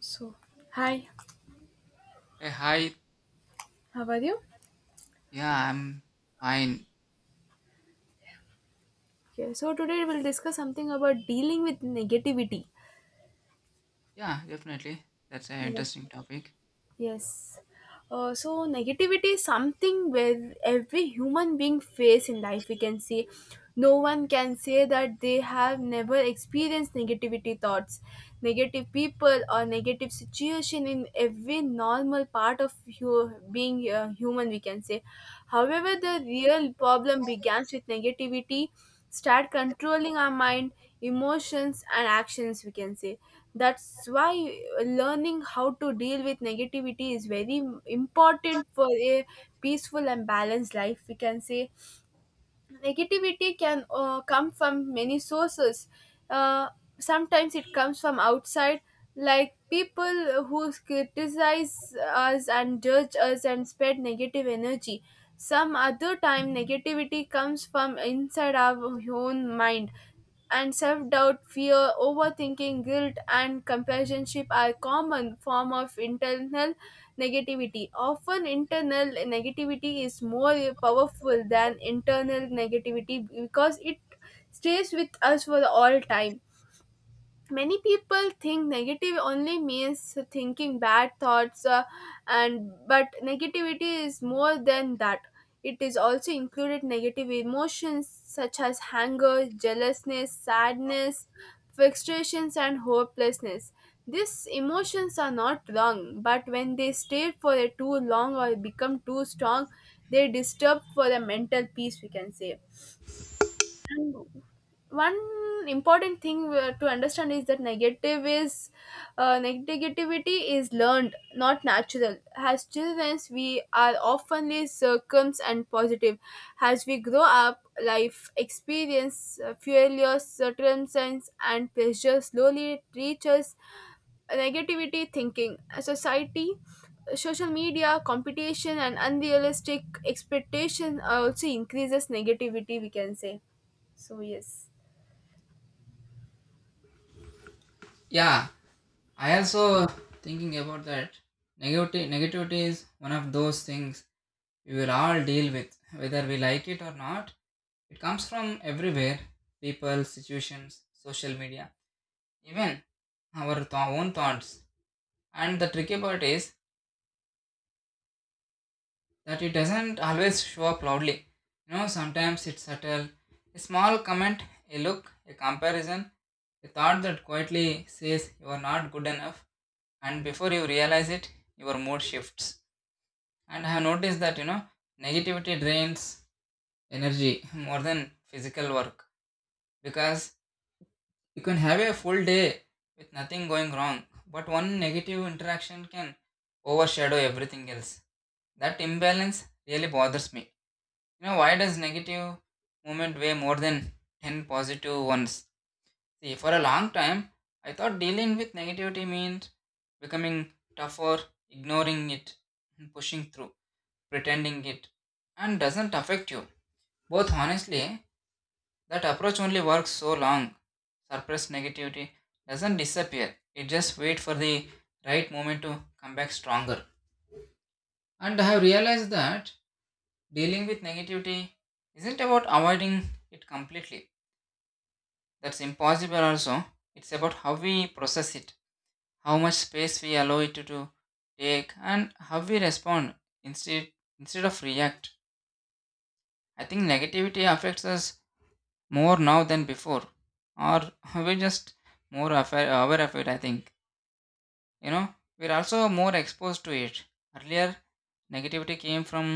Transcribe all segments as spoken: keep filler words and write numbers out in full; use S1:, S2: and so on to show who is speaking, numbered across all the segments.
S1: So, Hi,
S2: Hey, hi.
S1: how are you?
S2: Yeah, I'm fine.
S1: Okay, so today we'll discuss something about dealing with negativity.
S2: Yeah, definitely. That's an
S1: yes,
S2: interesting topic.
S1: Yes. Uh, so negativity is something where every human being face in life. We can see no one can say that they have never experienced negativity thoughts, negative people, or negative situation in every normal part of hu- being uh, human, we can say. However, the real problem begins with negativity start controlling our mind, emotions, and actions, we can say. That's why learning how to deal with negativity is very important for a peaceful and balanced life, we can say. Negativity can uh, come from many sources. Uh, Sometimes it comes from outside, like people who criticize us and judge us and spread negative energy. Some other time, negativity comes from inside our own mind, and self-doubt, fear, overthinking, guilt, and companionship are common form of internal negativity. Often, internal negativity is more powerful than internal negativity because it stays with us for all time. Many people think negative only means thinking bad thoughts, uh, and but negativity is more than that. It is also included negative emotions such as anger, jealousness, sadness, frustrations, and hopelessness. These emotions are not wrong, but when they stay for a too long or become too strong, they disturb for the mental peace, we can say. And one important thing uh, to understand is that negative is uh, negativity is learned, not natural. As children we are oftenly circums and positive. As we grow up, life experience, uh, failures, circumstance, and pressure slowly reaches negativity thinking. A society, social media, competition, and unrealistic expectation also increases negativity, we can say. So yes.
S2: Yeah, I also thinking about that. Negativity, negativity is one of those things we will all deal with, whether we like it or not. It comes from everywhere: people, situations, social media, even our th- own thoughts. And the tricky part is that it doesn't always show up loudly. You know, sometimes it's subtle. A small comment, a look, a comparison, a thought that quietly says you are not good enough, and before you realize it, your mood shifts. And I have noticed that, you know, negativity drains energy more than physical work, because you can have a full day with nothing going wrong, but one negative interaction can overshadow everything else. That imbalance really bothers me. You know, why does negative movement weigh more than ten positive ones? See, for a long time, I thought dealing with negativity meant becoming tougher, ignoring it, and pushing through, pretending it, and doesn't affect you. Both honestly, that approach only works so long. Suppressed negativity doesn't disappear, it just waits for the right moment to come back stronger. And I have realized that dealing with negativity isn't about avoiding it completely. That's impossible also. It's about how we process it, how much space we allow it to, to take, and how we respond instead, instead of react. I think negativity affects us more now than before, or we're just more affa- aware of it, I think. you know we're also more exposed to it. Earlier, negativity came from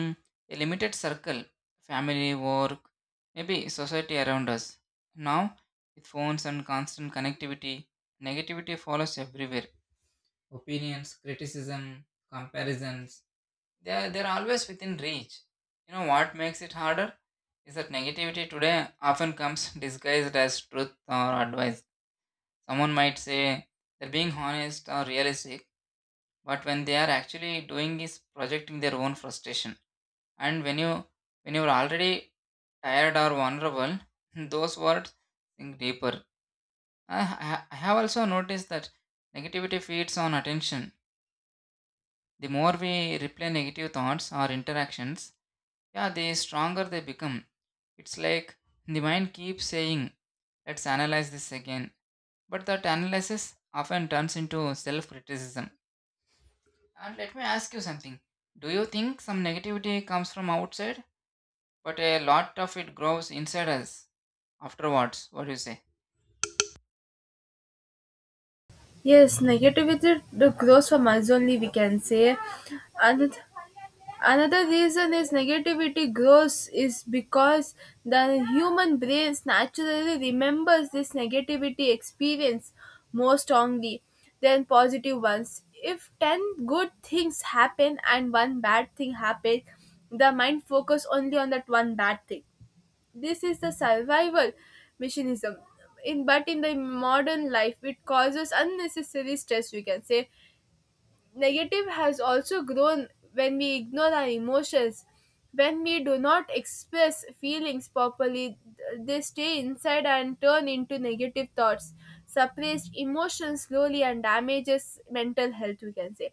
S2: a limited circle: family, work, maybe society around us. Now, with phones and constant connectivity, negativity follows everywhere: opinions, criticism, comparisons. They're, they're always within reach. You know what makes it harder is that negativity today often comes disguised as truth or advice. Someone might say they're being honest or realistic, but when they are actually doing is projecting their own frustration. And when you when you're already tired or vulnerable, those words sink deeper. I, I I have also noticed that negativity feeds on attention. The more we replay negative thoughts or interactions, yeah, the stronger they become. It's like the mind keeps saying, let's analyze this again, but that analysis often turns into self criticism. And let me ask you something. Do you think some negativity comes from outside, but a lot of it grows inside us afterwards? What do you say?
S1: Yes, negativity d- grows from us only, we can say. And another reason is negativity grows is because the human brains naturally remembers this negativity experience more strongly than positive ones. If ten good things happen and one bad thing happen, the mind focus only on that one bad thing. This is the survival mechanism, in but in the modern life it causes unnecessary stress, we can say. Negative has also grown when we ignore our emotions. When we do not express feelings properly, th- they stay inside and turn into negative thoughts. Suppressed emotions slowly and damages mental health, we can say.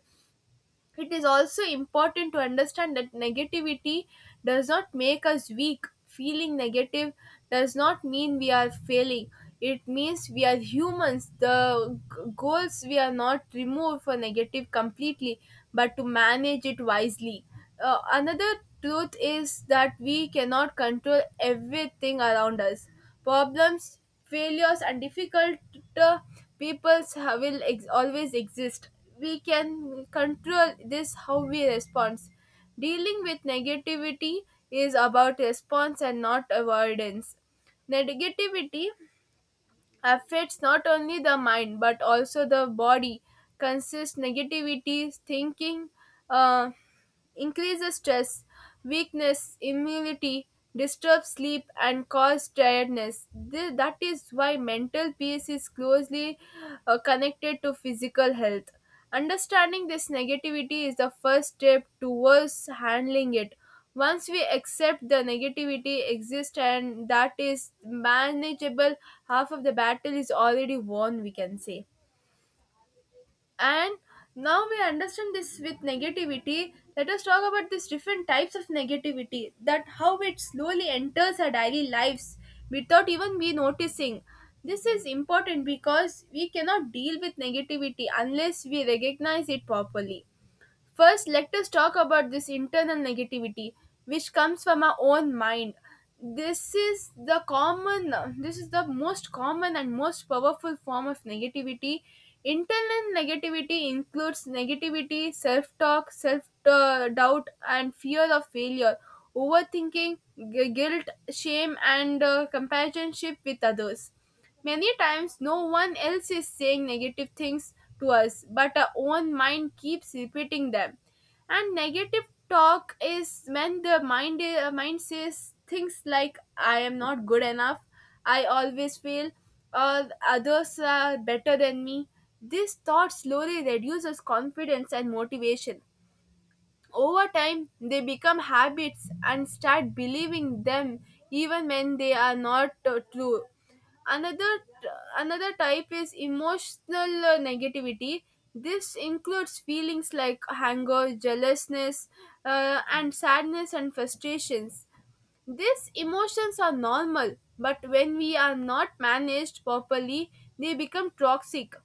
S1: It is also important to understand that negativity does not make us weak. Feeling negative does not mean we are failing. It means we are humans. The g- goals we are not removed for negative completely, but to manage it wisely. Uh, another truth is that we cannot control everything around us. Problems, failures, and difficult uh, peoples ha- will ex- always exist. We can control this how we respond. Dealing with negativity is about response and not avoidance. Negativity affects not only the mind but also the body. Consists negativity thinking uh, increases stress, weakness immunity, disturbs sleep, and cause tiredness. Th- that is why mental peace is closely uh, connected to physical health. Understanding this negativity is the first step towards handling it. Once we accept the negativity exists and that is manageable, half of the battle is already won, we can say. And now we understand this with negativity. Let us talk about these different types of negativity, that how it slowly enters our daily lives without even we noticing. This is important because we cannot deal with negativity unless we recognize it properly. First, let us talk about this internal negativity which comes from our own mind. This is the common, this is the most common and most powerful form of negativity. Internal negativity includes negativity, self talk, self doubt, and fear of failure, overthinking, gu- guilt, shame, and uh, companionship with others. Many times, no one else is saying negative things to us, but our own mind keeps repeating them. And negative talk is when the mind, uh, mind says things like, I am not good enough, I always fail, or others are better than me. This thought slowly reduces confidence and motivation. Over time, they become habits and start believing them even when they are not uh, true. Another Another type is emotional uh, negativity. This includes feelings like anger, jealousness, uh, and sadness and frustrations. These emotions are normal, but when we are not managed properly, they become toxic.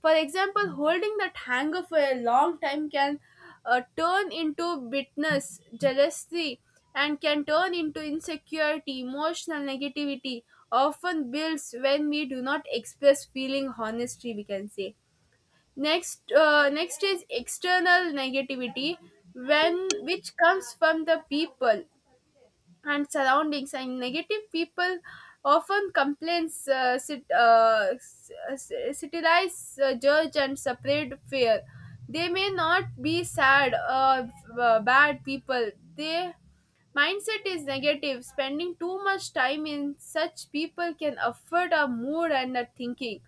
S1: For example, holding that anger for a long time can uh, turn into bitterness, jealousy, and can turn into insecurity, emotional negativity. Often builds when we do not express feeling honestly, we can say. Next. Uh, next is external negativity, when which comes from the people and surroundings, and negative people often complains, uh, sit, uh, s- uh, satirize, uh, judge, and separate fear. They may not be sad or uh, bad people. They mindset is negative. Spending too much time in such people can affect our mood and our thinking.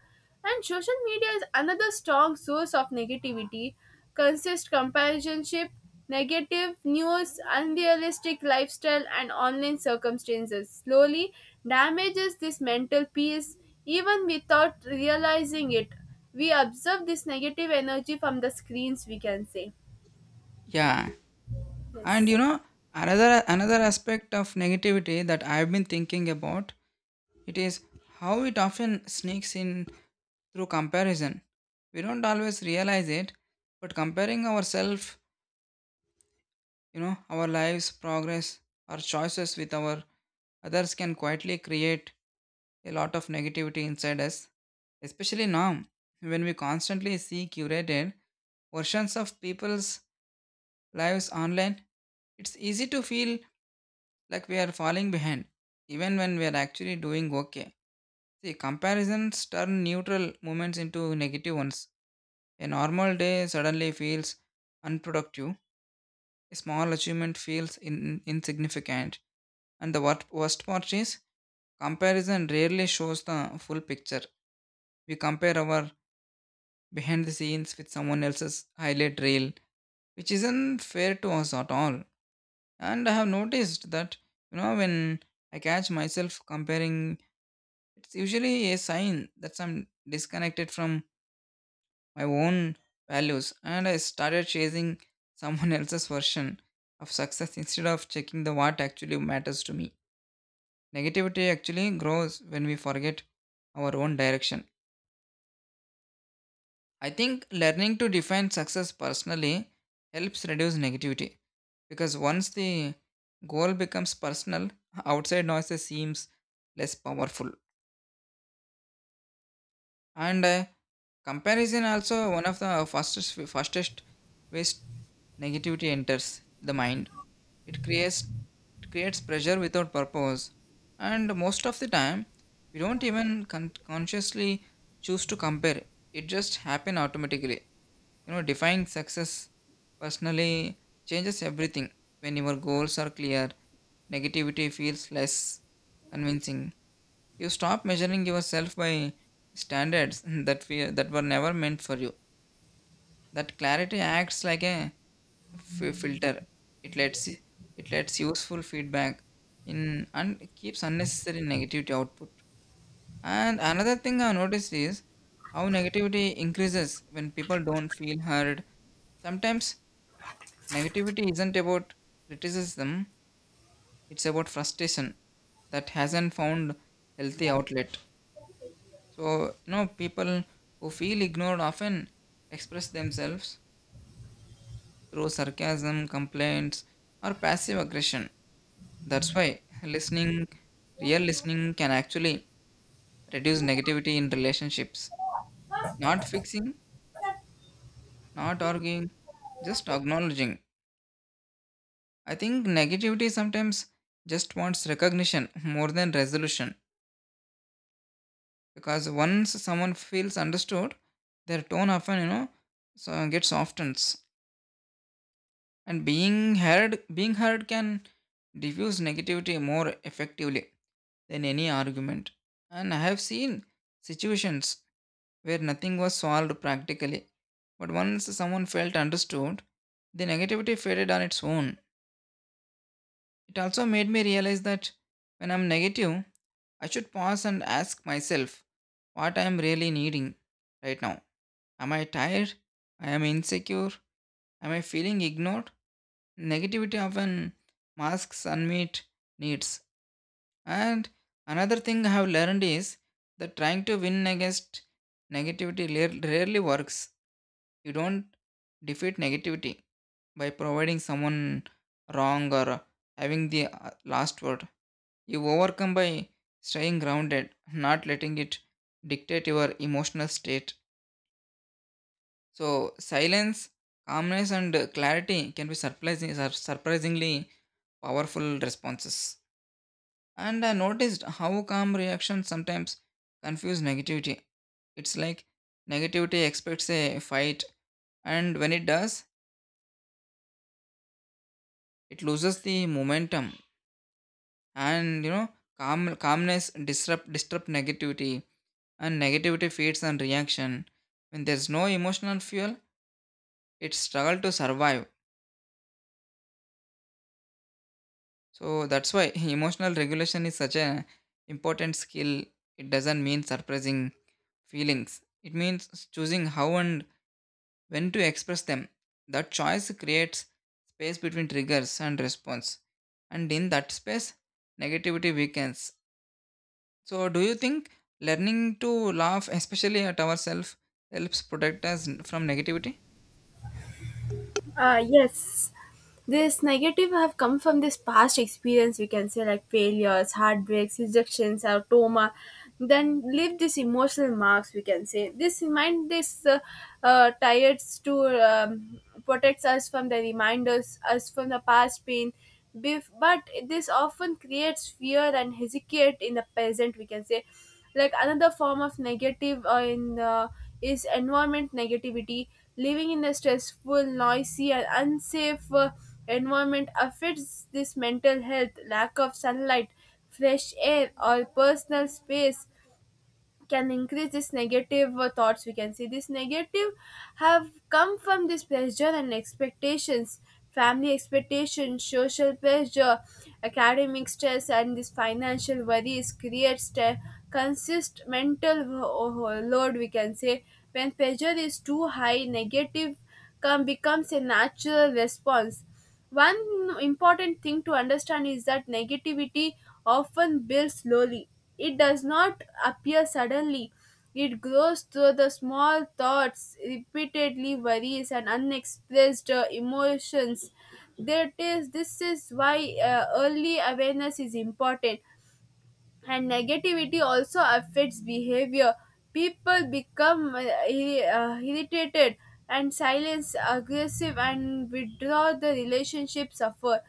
S1: And social media is another strong source of negativity. Consist companionship, negative news, unrealistic lifestyle, and online circumstances slowly damages this mental peace even without realizing it. We observe this negative energy from the screens, we can say.
S2: Yeah, and
S1: Yes.
S2: you know another another aspect of negativity that I've been thinking about, it is how it often sneaks in through comparison. We don't always realize it, but comparing ourselves You know, our lives, progress, our choices with our others can quietly create a lot of negativity inside us, especially now when we constantly see curated versions of people's lives online. It's easy to feel like we are falling behind, even when we are actually doing okay. See, comparisons turn neutral moments into negative ones. A normal day suddenly feels unproductive a small achievement feels in, insignificant. And the wor- worst part is, comparison rarely shows the full picture. We compare our behind the scenes with someone else's highlight reel, which isn't fair to us at all. And I have noticed that, you know, when I catch myself comparing, it's usually a sign that I'm disconnected from my own values and I started chasing someone else's version of success instead of checking the what actually matters to me. Negativity actually grows when we forget our own direction. I think learning to define success personally helps reduce negativity because once the goal becomes personal, outside noises seems less powerful. And uh, comparison also one of the fastest fastest ways negativity enters the mind. It creates it creates pressure without purpose. And most of the time, we don't even con- consciously choose to compare. It just happen automatically. You know defining success personally changes everything when your goals are clear negativity feels less convincing you stop measuring yourself by standards that we, that were never meant for you. That clarity acts like a fi- filter. It lets it lets useful feedback in and keeps unnecessary negativity output. And another thing I noticed is how negativity increases when people don't feel heard. Sometimes negativity isn't about criticism; it's about frustration that hasn't found healthy outlet. So, you know, people who feel ignored often express themselves through sarcasm, complaints, or passive aggression. That's why listening, real listening, can actually reduce negativity in relationships. Not fixing, not arguing, just acknowledging. I think negativity sometimes just wants recognition more than resolution because once someone feels understood, their tone often, you know, so gets softens. And being heard being heard can diffuse negativity more effectively than any argument and I have seen situations where nothing was solved practically but once someone felt understood the negativity faded on its own it also made me realize that when I'm negative I should pause and ask myself what I am really needing right now am I tired I am insecure am I feeling ignored Negativity often masks unmet needs. And another thing I have learned is that trying to win against negativity lar- rarely works. You don't defeat negativity by providing someone wrong or having the uh, last word. You overcome by staying grounded, not letting it dictate your emotional state. So silence, calmness, and uh, clarity can be surprising, sur- surprisingly powerful responses. And I noticed how calm reactions sometimes confuse negativity. It's like negativity expects a fight, and when it does, it loses the momentum. And you know, calm calmness disrupt disrupt negativity, and negativity feeds on reaction. When there's no emotional fuel, it struggles to survive So that's why emotional regulation is such an important skill. It doesn't mean suppressing feelings. It means choosing how and when to express them. That choice creates space between triggers and response. And in that space, negativity weakens. So do you think learning to laugh, especially at ourselves, helps protect us from negativity?
S1: Uh, yes, this negative have come from this past experience, we can say, like failures, heartbreaks, rejections, or trauma. Then leave this emotional marks, we can say. This remind this uh, uh, tired to um, protects us from the reminders, us from the past pain. Bef- But this often creates fear and hesitate in the present, we can say. Like another form of negative uh, in uh, is environment negativity. Living in a stressful, noisy, and unsafe uh, environment affects this mental health. Lack of sunlight, fresh air, or personal space can increase this negative uh, thoughts. We can see this negative have come from this pressure and expectations. Family expectations, social pressure, academic stress, and this financial worries creates te- consist mental wo- wo- load, we can say. When pressure is too high, negative come becomes a natural response. One important thing to understand is that negativity often builds slowly. It does not appear suddenly. It grows through the small thoughts, repeatedly worries, and unexpressed uh, emotions. That is, this is why uh, early awareness is important. And negativity also affects behavior. People become uh, irri- uh, irritated and silence, aggressive, and withdraw. The relationship suffer,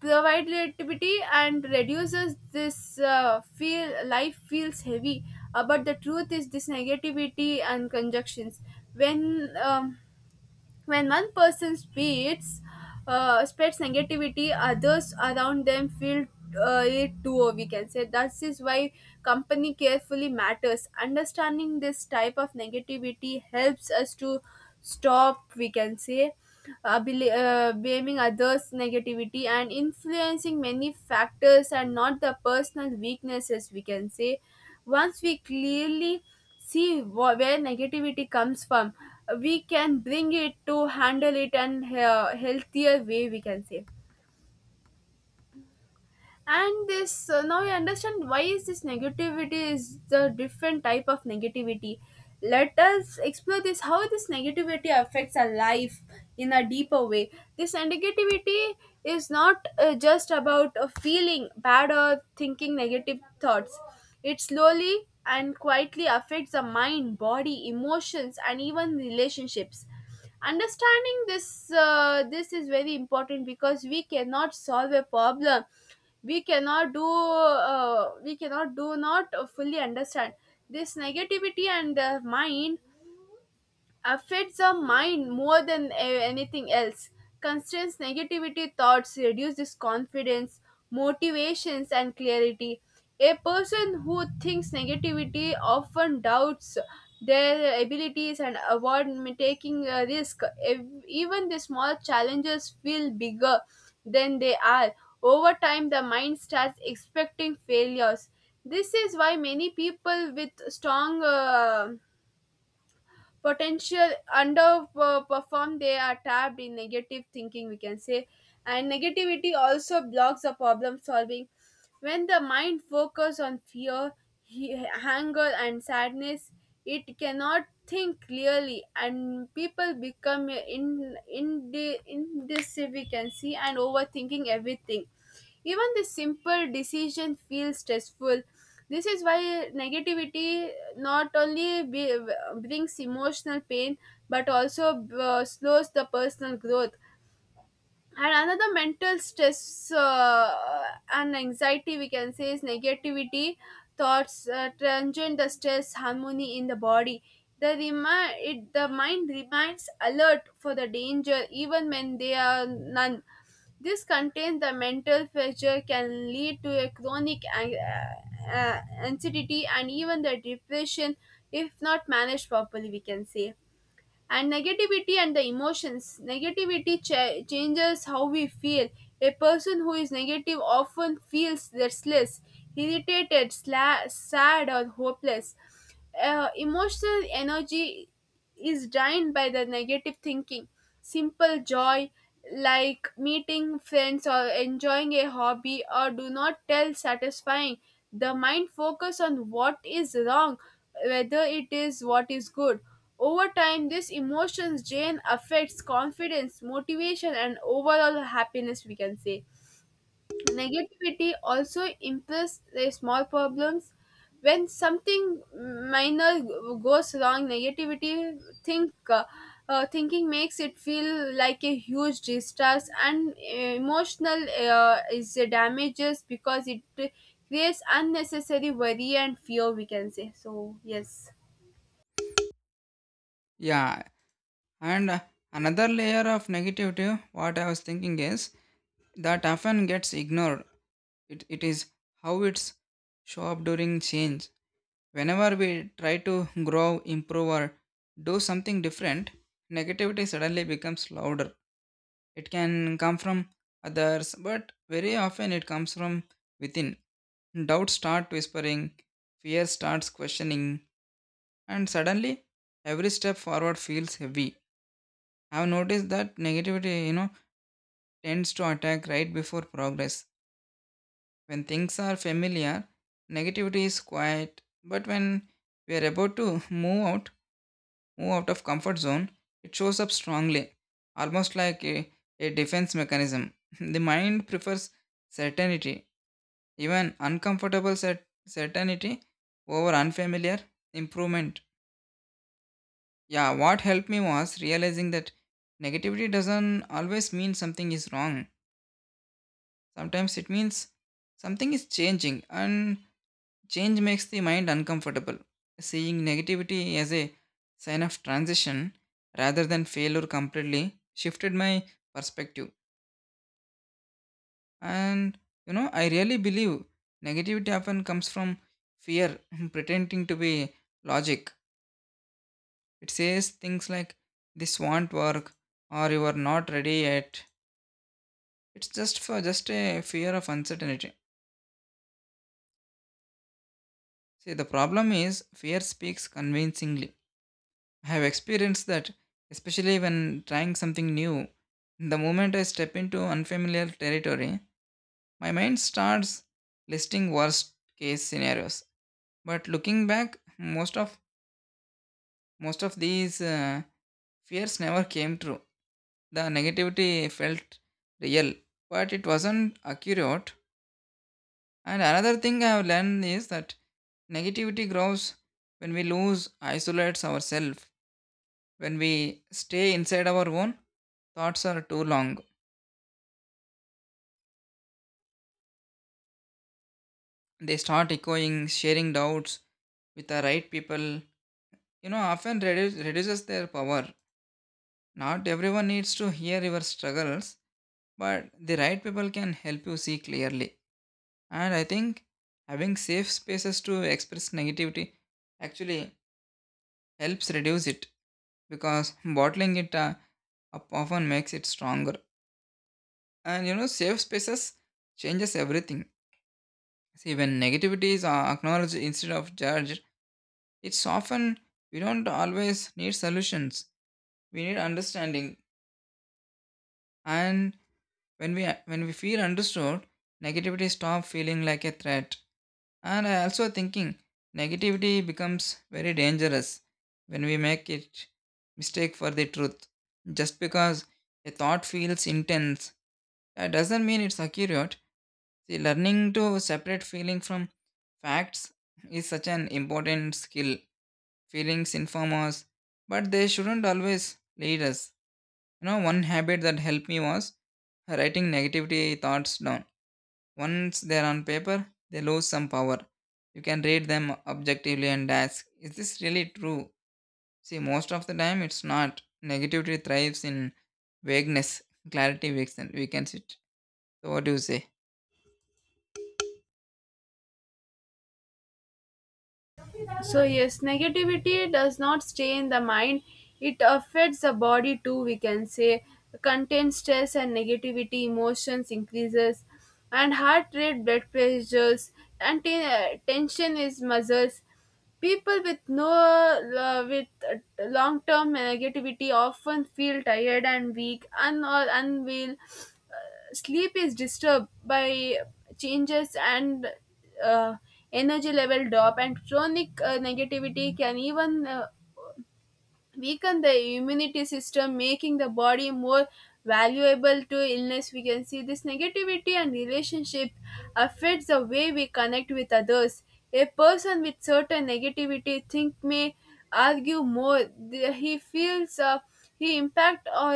S1: provide relativity, and reduces this uh, feel. Life feels heavy, uh, but the truth is this negativity and conjunctions, when um, when one person speaks uh, spreads negativity, others around them feel uh, it too, or we can say, that is why company carefully matters. Understanding this type of negativity helps us to stop, we can say, uh, bel- uh, blaming others. Negativity and influencing many factors and not the personal weaknesses, we can say. Once we clearly see wh- where negativity comes from, we can bring it to handle it and uh, healthier way, we can say. And this uh, now I understand why is this negativity is the different type of negativity. Let us explore this how this negativity affects our life in a deeper way. This negativity is not uh, just about uh, feeling bad or thinking negative thoughts. It slowly and quietly affects the mind, body, emotions, and even relationships. Understanding this uh, this is very important because we cannot solve a problem we cannot do, uh, we cannot do not fully understand. This negativity and the mind affects our mind more than a- anything else. Constraints, negativity thoughts reduces confidence, motivations, and clarity. A person who thinks negativity often doubts their abilities and avoid m- taking a risk. Ev- Even the small challenges feel bigger than they are. Over time, the mind starts expecting failures. This is why many people with strong uh, potential underperform. They are tapped in negative thinking, we can say. And negativity also blocks the problem solving. When the mind focuses on fear, he- anger, and sadness, it cannot think clearly and people become in in indecisive, we can see, and overthinking everything. Even the simple decision feels stressful. This is why negativity not only be, brings emotional pain but also uh, slows the personal growth. And another mental stress uh, and anxiety, we can say, is negativity thoughts uh, transient the stress harmony in the body. The remi- it, the mind remains alert for the danger even when there are none. This contains the mental pressure can lead to a chronic an- uh, uh, anxiety and even the depression if not managed properly, we can say. And negativity and the emotions negativity cha- changes how we feel. A person who is negative often feels restless, irritated, sla- sad, or hopeless. Uh, emotional energy is drained by the negative thinking. Simple joy like meeting friends or enjoying a hobby or do not tell satisfying. The mind focus on what is wrong, whether it is what is good. Over time, this emotions drain affects confidence, motivation, and overall happiness, we can say. Negativity also implies the small problems. When something minor goes wrong, negativity think uh, uh, thinking makes it feel like a huge distress, and emotional uh, is damages because it creates unnecessary worry and fear. We can say so. Yes.
S2: Yeah, And uh, another layer of negativity, what I was thinking is that often gets ignored. It, it is how it's show up during change. Whenever we try to grow, improve, or do something different, negativity suddenly becomes louder. It can come from others, but very often it comes from within. Doubts start whispering, fear starts questioning, and suddenly every step forward feels heavy. I've noticed that negativity, you know, tends to attack right before progress. When things are familiar, negativity is quiet, but when we are about to move out, move out of comfort zone, it shows up strongly, almost like a, a defense mechanism. The mind prefers certainty, even uncomfortable cer- certainty over unfamiliar improvement. Yeah, what helped me was realizing that negativity doesn't always mean something is wrong. Sometimes it means something is changing, and change makes the mind uncomfortable. Seeing negativity as a sign of transition rather than failure completely shifted my perspective. And you know, I really believe negativity often comes from fear pretending to be logic. It says things like, this won't work, or, you are not ready yet. It's just for just a fear of uncertainty. See, the problem is fear speaks convincingly. I have experienced that, especially when trying something new. The moment I step into unfamiliar territory, my mind starts listing worst case scenarios. But looking back, most of most of these uh, fears never came true. The negativity felt real, but it wasn't accurate. And another thing I have learned is that negativity grows when we lose, isolates ourselves. When we stay inside our own, thoughts are too long. They start echoing, sharing doubts with the right people. You know, often reduce, reduces their power. Not everyone needs to hear your struggles, but the right people can help you see clearly. And I think having safe spaces to express negativity actually helps reduce it, because bottling it uh, up often makes it stronger. And you know, safe spaces changes everything. See, when negativity is uh, acknowledged instead of judged, it's often we don't always need solutions. We need understanding. And when we when we feel understood, negativity stop feeling like a threat. And I also thinking negativity becomes very dangerous when we make it mistake for the truth. Just because a thought feels intense, that doesn't mean it's accurate. See, learning to separate feeling from facts is such an important skill. Feelings inform us, but they shouldn't always lead us. You know, one habit that helped me was writing negativity thoughts down. Once they're on paper, they lose some power. You can read them objectively and ask, is this really true? See, most of the time it's not. Negativity thrives in vagueness; clarity weakens, weakens it. So, what do you say?
S1: So, yes, negativity does not stay in the mind, it affects the body too, we can say. Contains stress and negativity, emotions increases, and heart rate, blood pressures, and ten- uh, tension is muscles. People with no uh, with uh, long-term negativity often feel tired and weak, and or unwell, sleep is disturbed by changes and uh, energy level drop and chronic uh, negativity can even uh, weaken the immunity system making the body more valuable to illness, we can see this negativity and relationship affects the way we connect with others. A person with certain negativity think may argue more. The- he feels uh, he impact or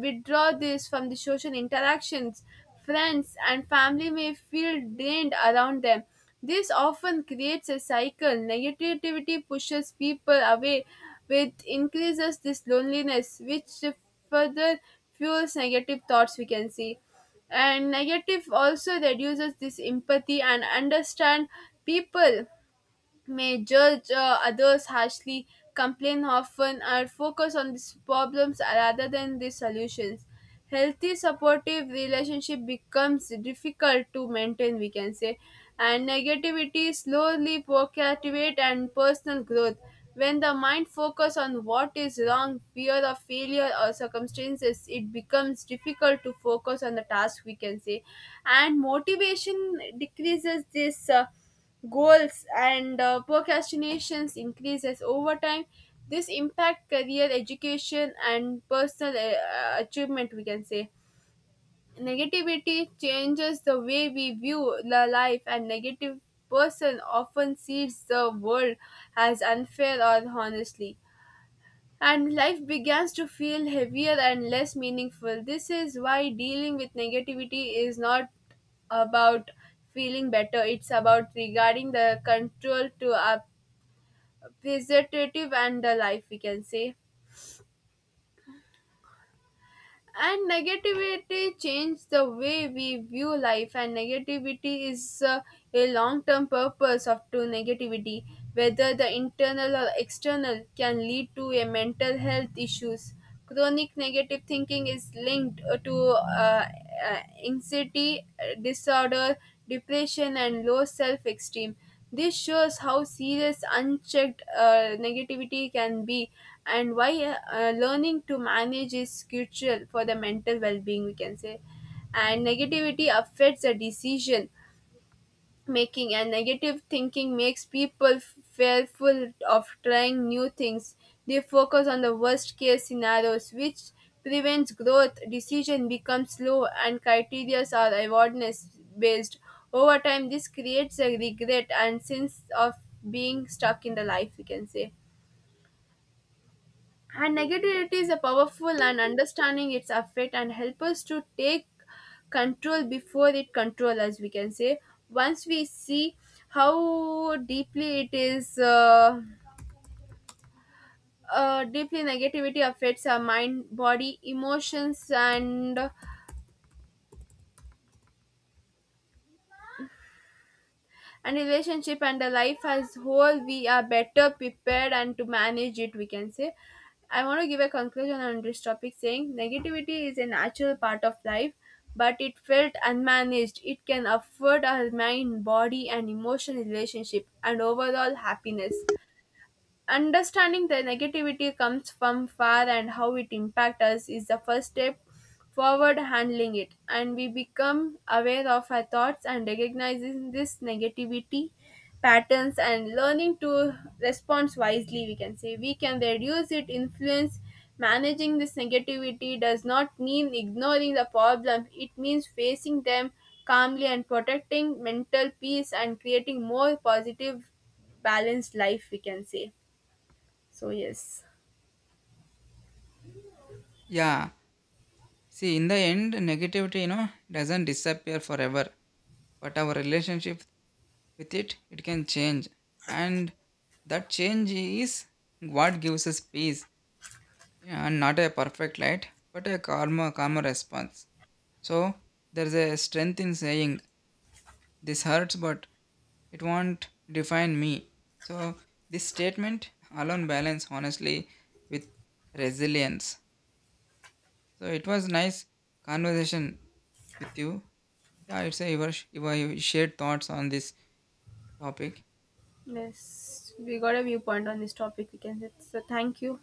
S1: withdraw this from the social interactions. Friends and family may feel drained around them. This often creates a cycle. Negativity pushes people away, which increases this loneliness, which further fuels negative thoughts, we can see. And negative also reduces this empathy and understand people may judge uh, others harshly, complain often, or focus on these problems rather than the solutions. Healthy supportive relationship becomes difficult to maintain, we can say, and negativity slowly procrastinate and personal growth. When the mind focus on what is wrong, fear of failure or circumstances, it becomes difficult to focus on the task, we can say, and motivation decreases this. Uh, goals and uh, procrastinations increases over time. This impact career, education, and personal uh, achievement, we can say. Negativity changes the way we view the life, and negative person often sees the world as unfair or honestly, and life begins to feel heavier and less meaningful. This is why dealing with negativity is not about feeling better, it's about regarding the control to our positive and the life, we can say. And negativity changes the way we view life, and negativity is uh, a long-term purpose of to negativity, whether the internal or external, can lead to a mental health issues. Chronic negative thinking is linked uh, to uh, uh, anxiety uh, disorder, depression, and low self-esteem. This shows how serious unchecked uh, negativity can be, and why uh, learning to manage is crucial for the mental well being, we can say. And negativity affects the decision making, and negative thinking makes people fearful of trying new things. They focus on the worst case scenarios, which prevents growth. Decision becomes slow, and criteria are awareness based. Over time, this creates a regret and sense of being stuck in the life, we can say. And negativity is a powerful and understanding its effect and help us to take control before it control us, we can say. Once we see how deeply it is, uh, uh, deeply negativity affects our mind, body, emotions, and and relationship and the life as whole, we are better prepared and to manage it, we can say. I want to give a conclusion on this topic saying negativity is a natural part of life, but it felt unmanaged, it can affect our mind, body, and emotional relationship and overall happiness. Understanding the negativity comes from far and how it impacts us is the first step forward handling it, and we become aware of our thoughts and recognizing this negativity patterns and learning to respond wisely, we can say, we can reduce it influence. Managing this negativity does not mean ignoring the problem, it means facing them calmly and protecting mental peace and creating more positive balanced life, we can say. So yes,
S2: Yeah. See, in the end, negativity, you know, doesn't disappear forever, but our relationship with it, it can change. And that change is what gives us peace. Yeah, and not a perfect light, but a calmer, calmer response. So there's a strength in saying, this hurts, but it won't define me. So this statement alone balance honestly with resilience. So it was nice conversation with you. Yeah, it's a your, your shared thoughts on this topic.
S1: yes, we got a viewpoint on this topic. We can say so. Thank you.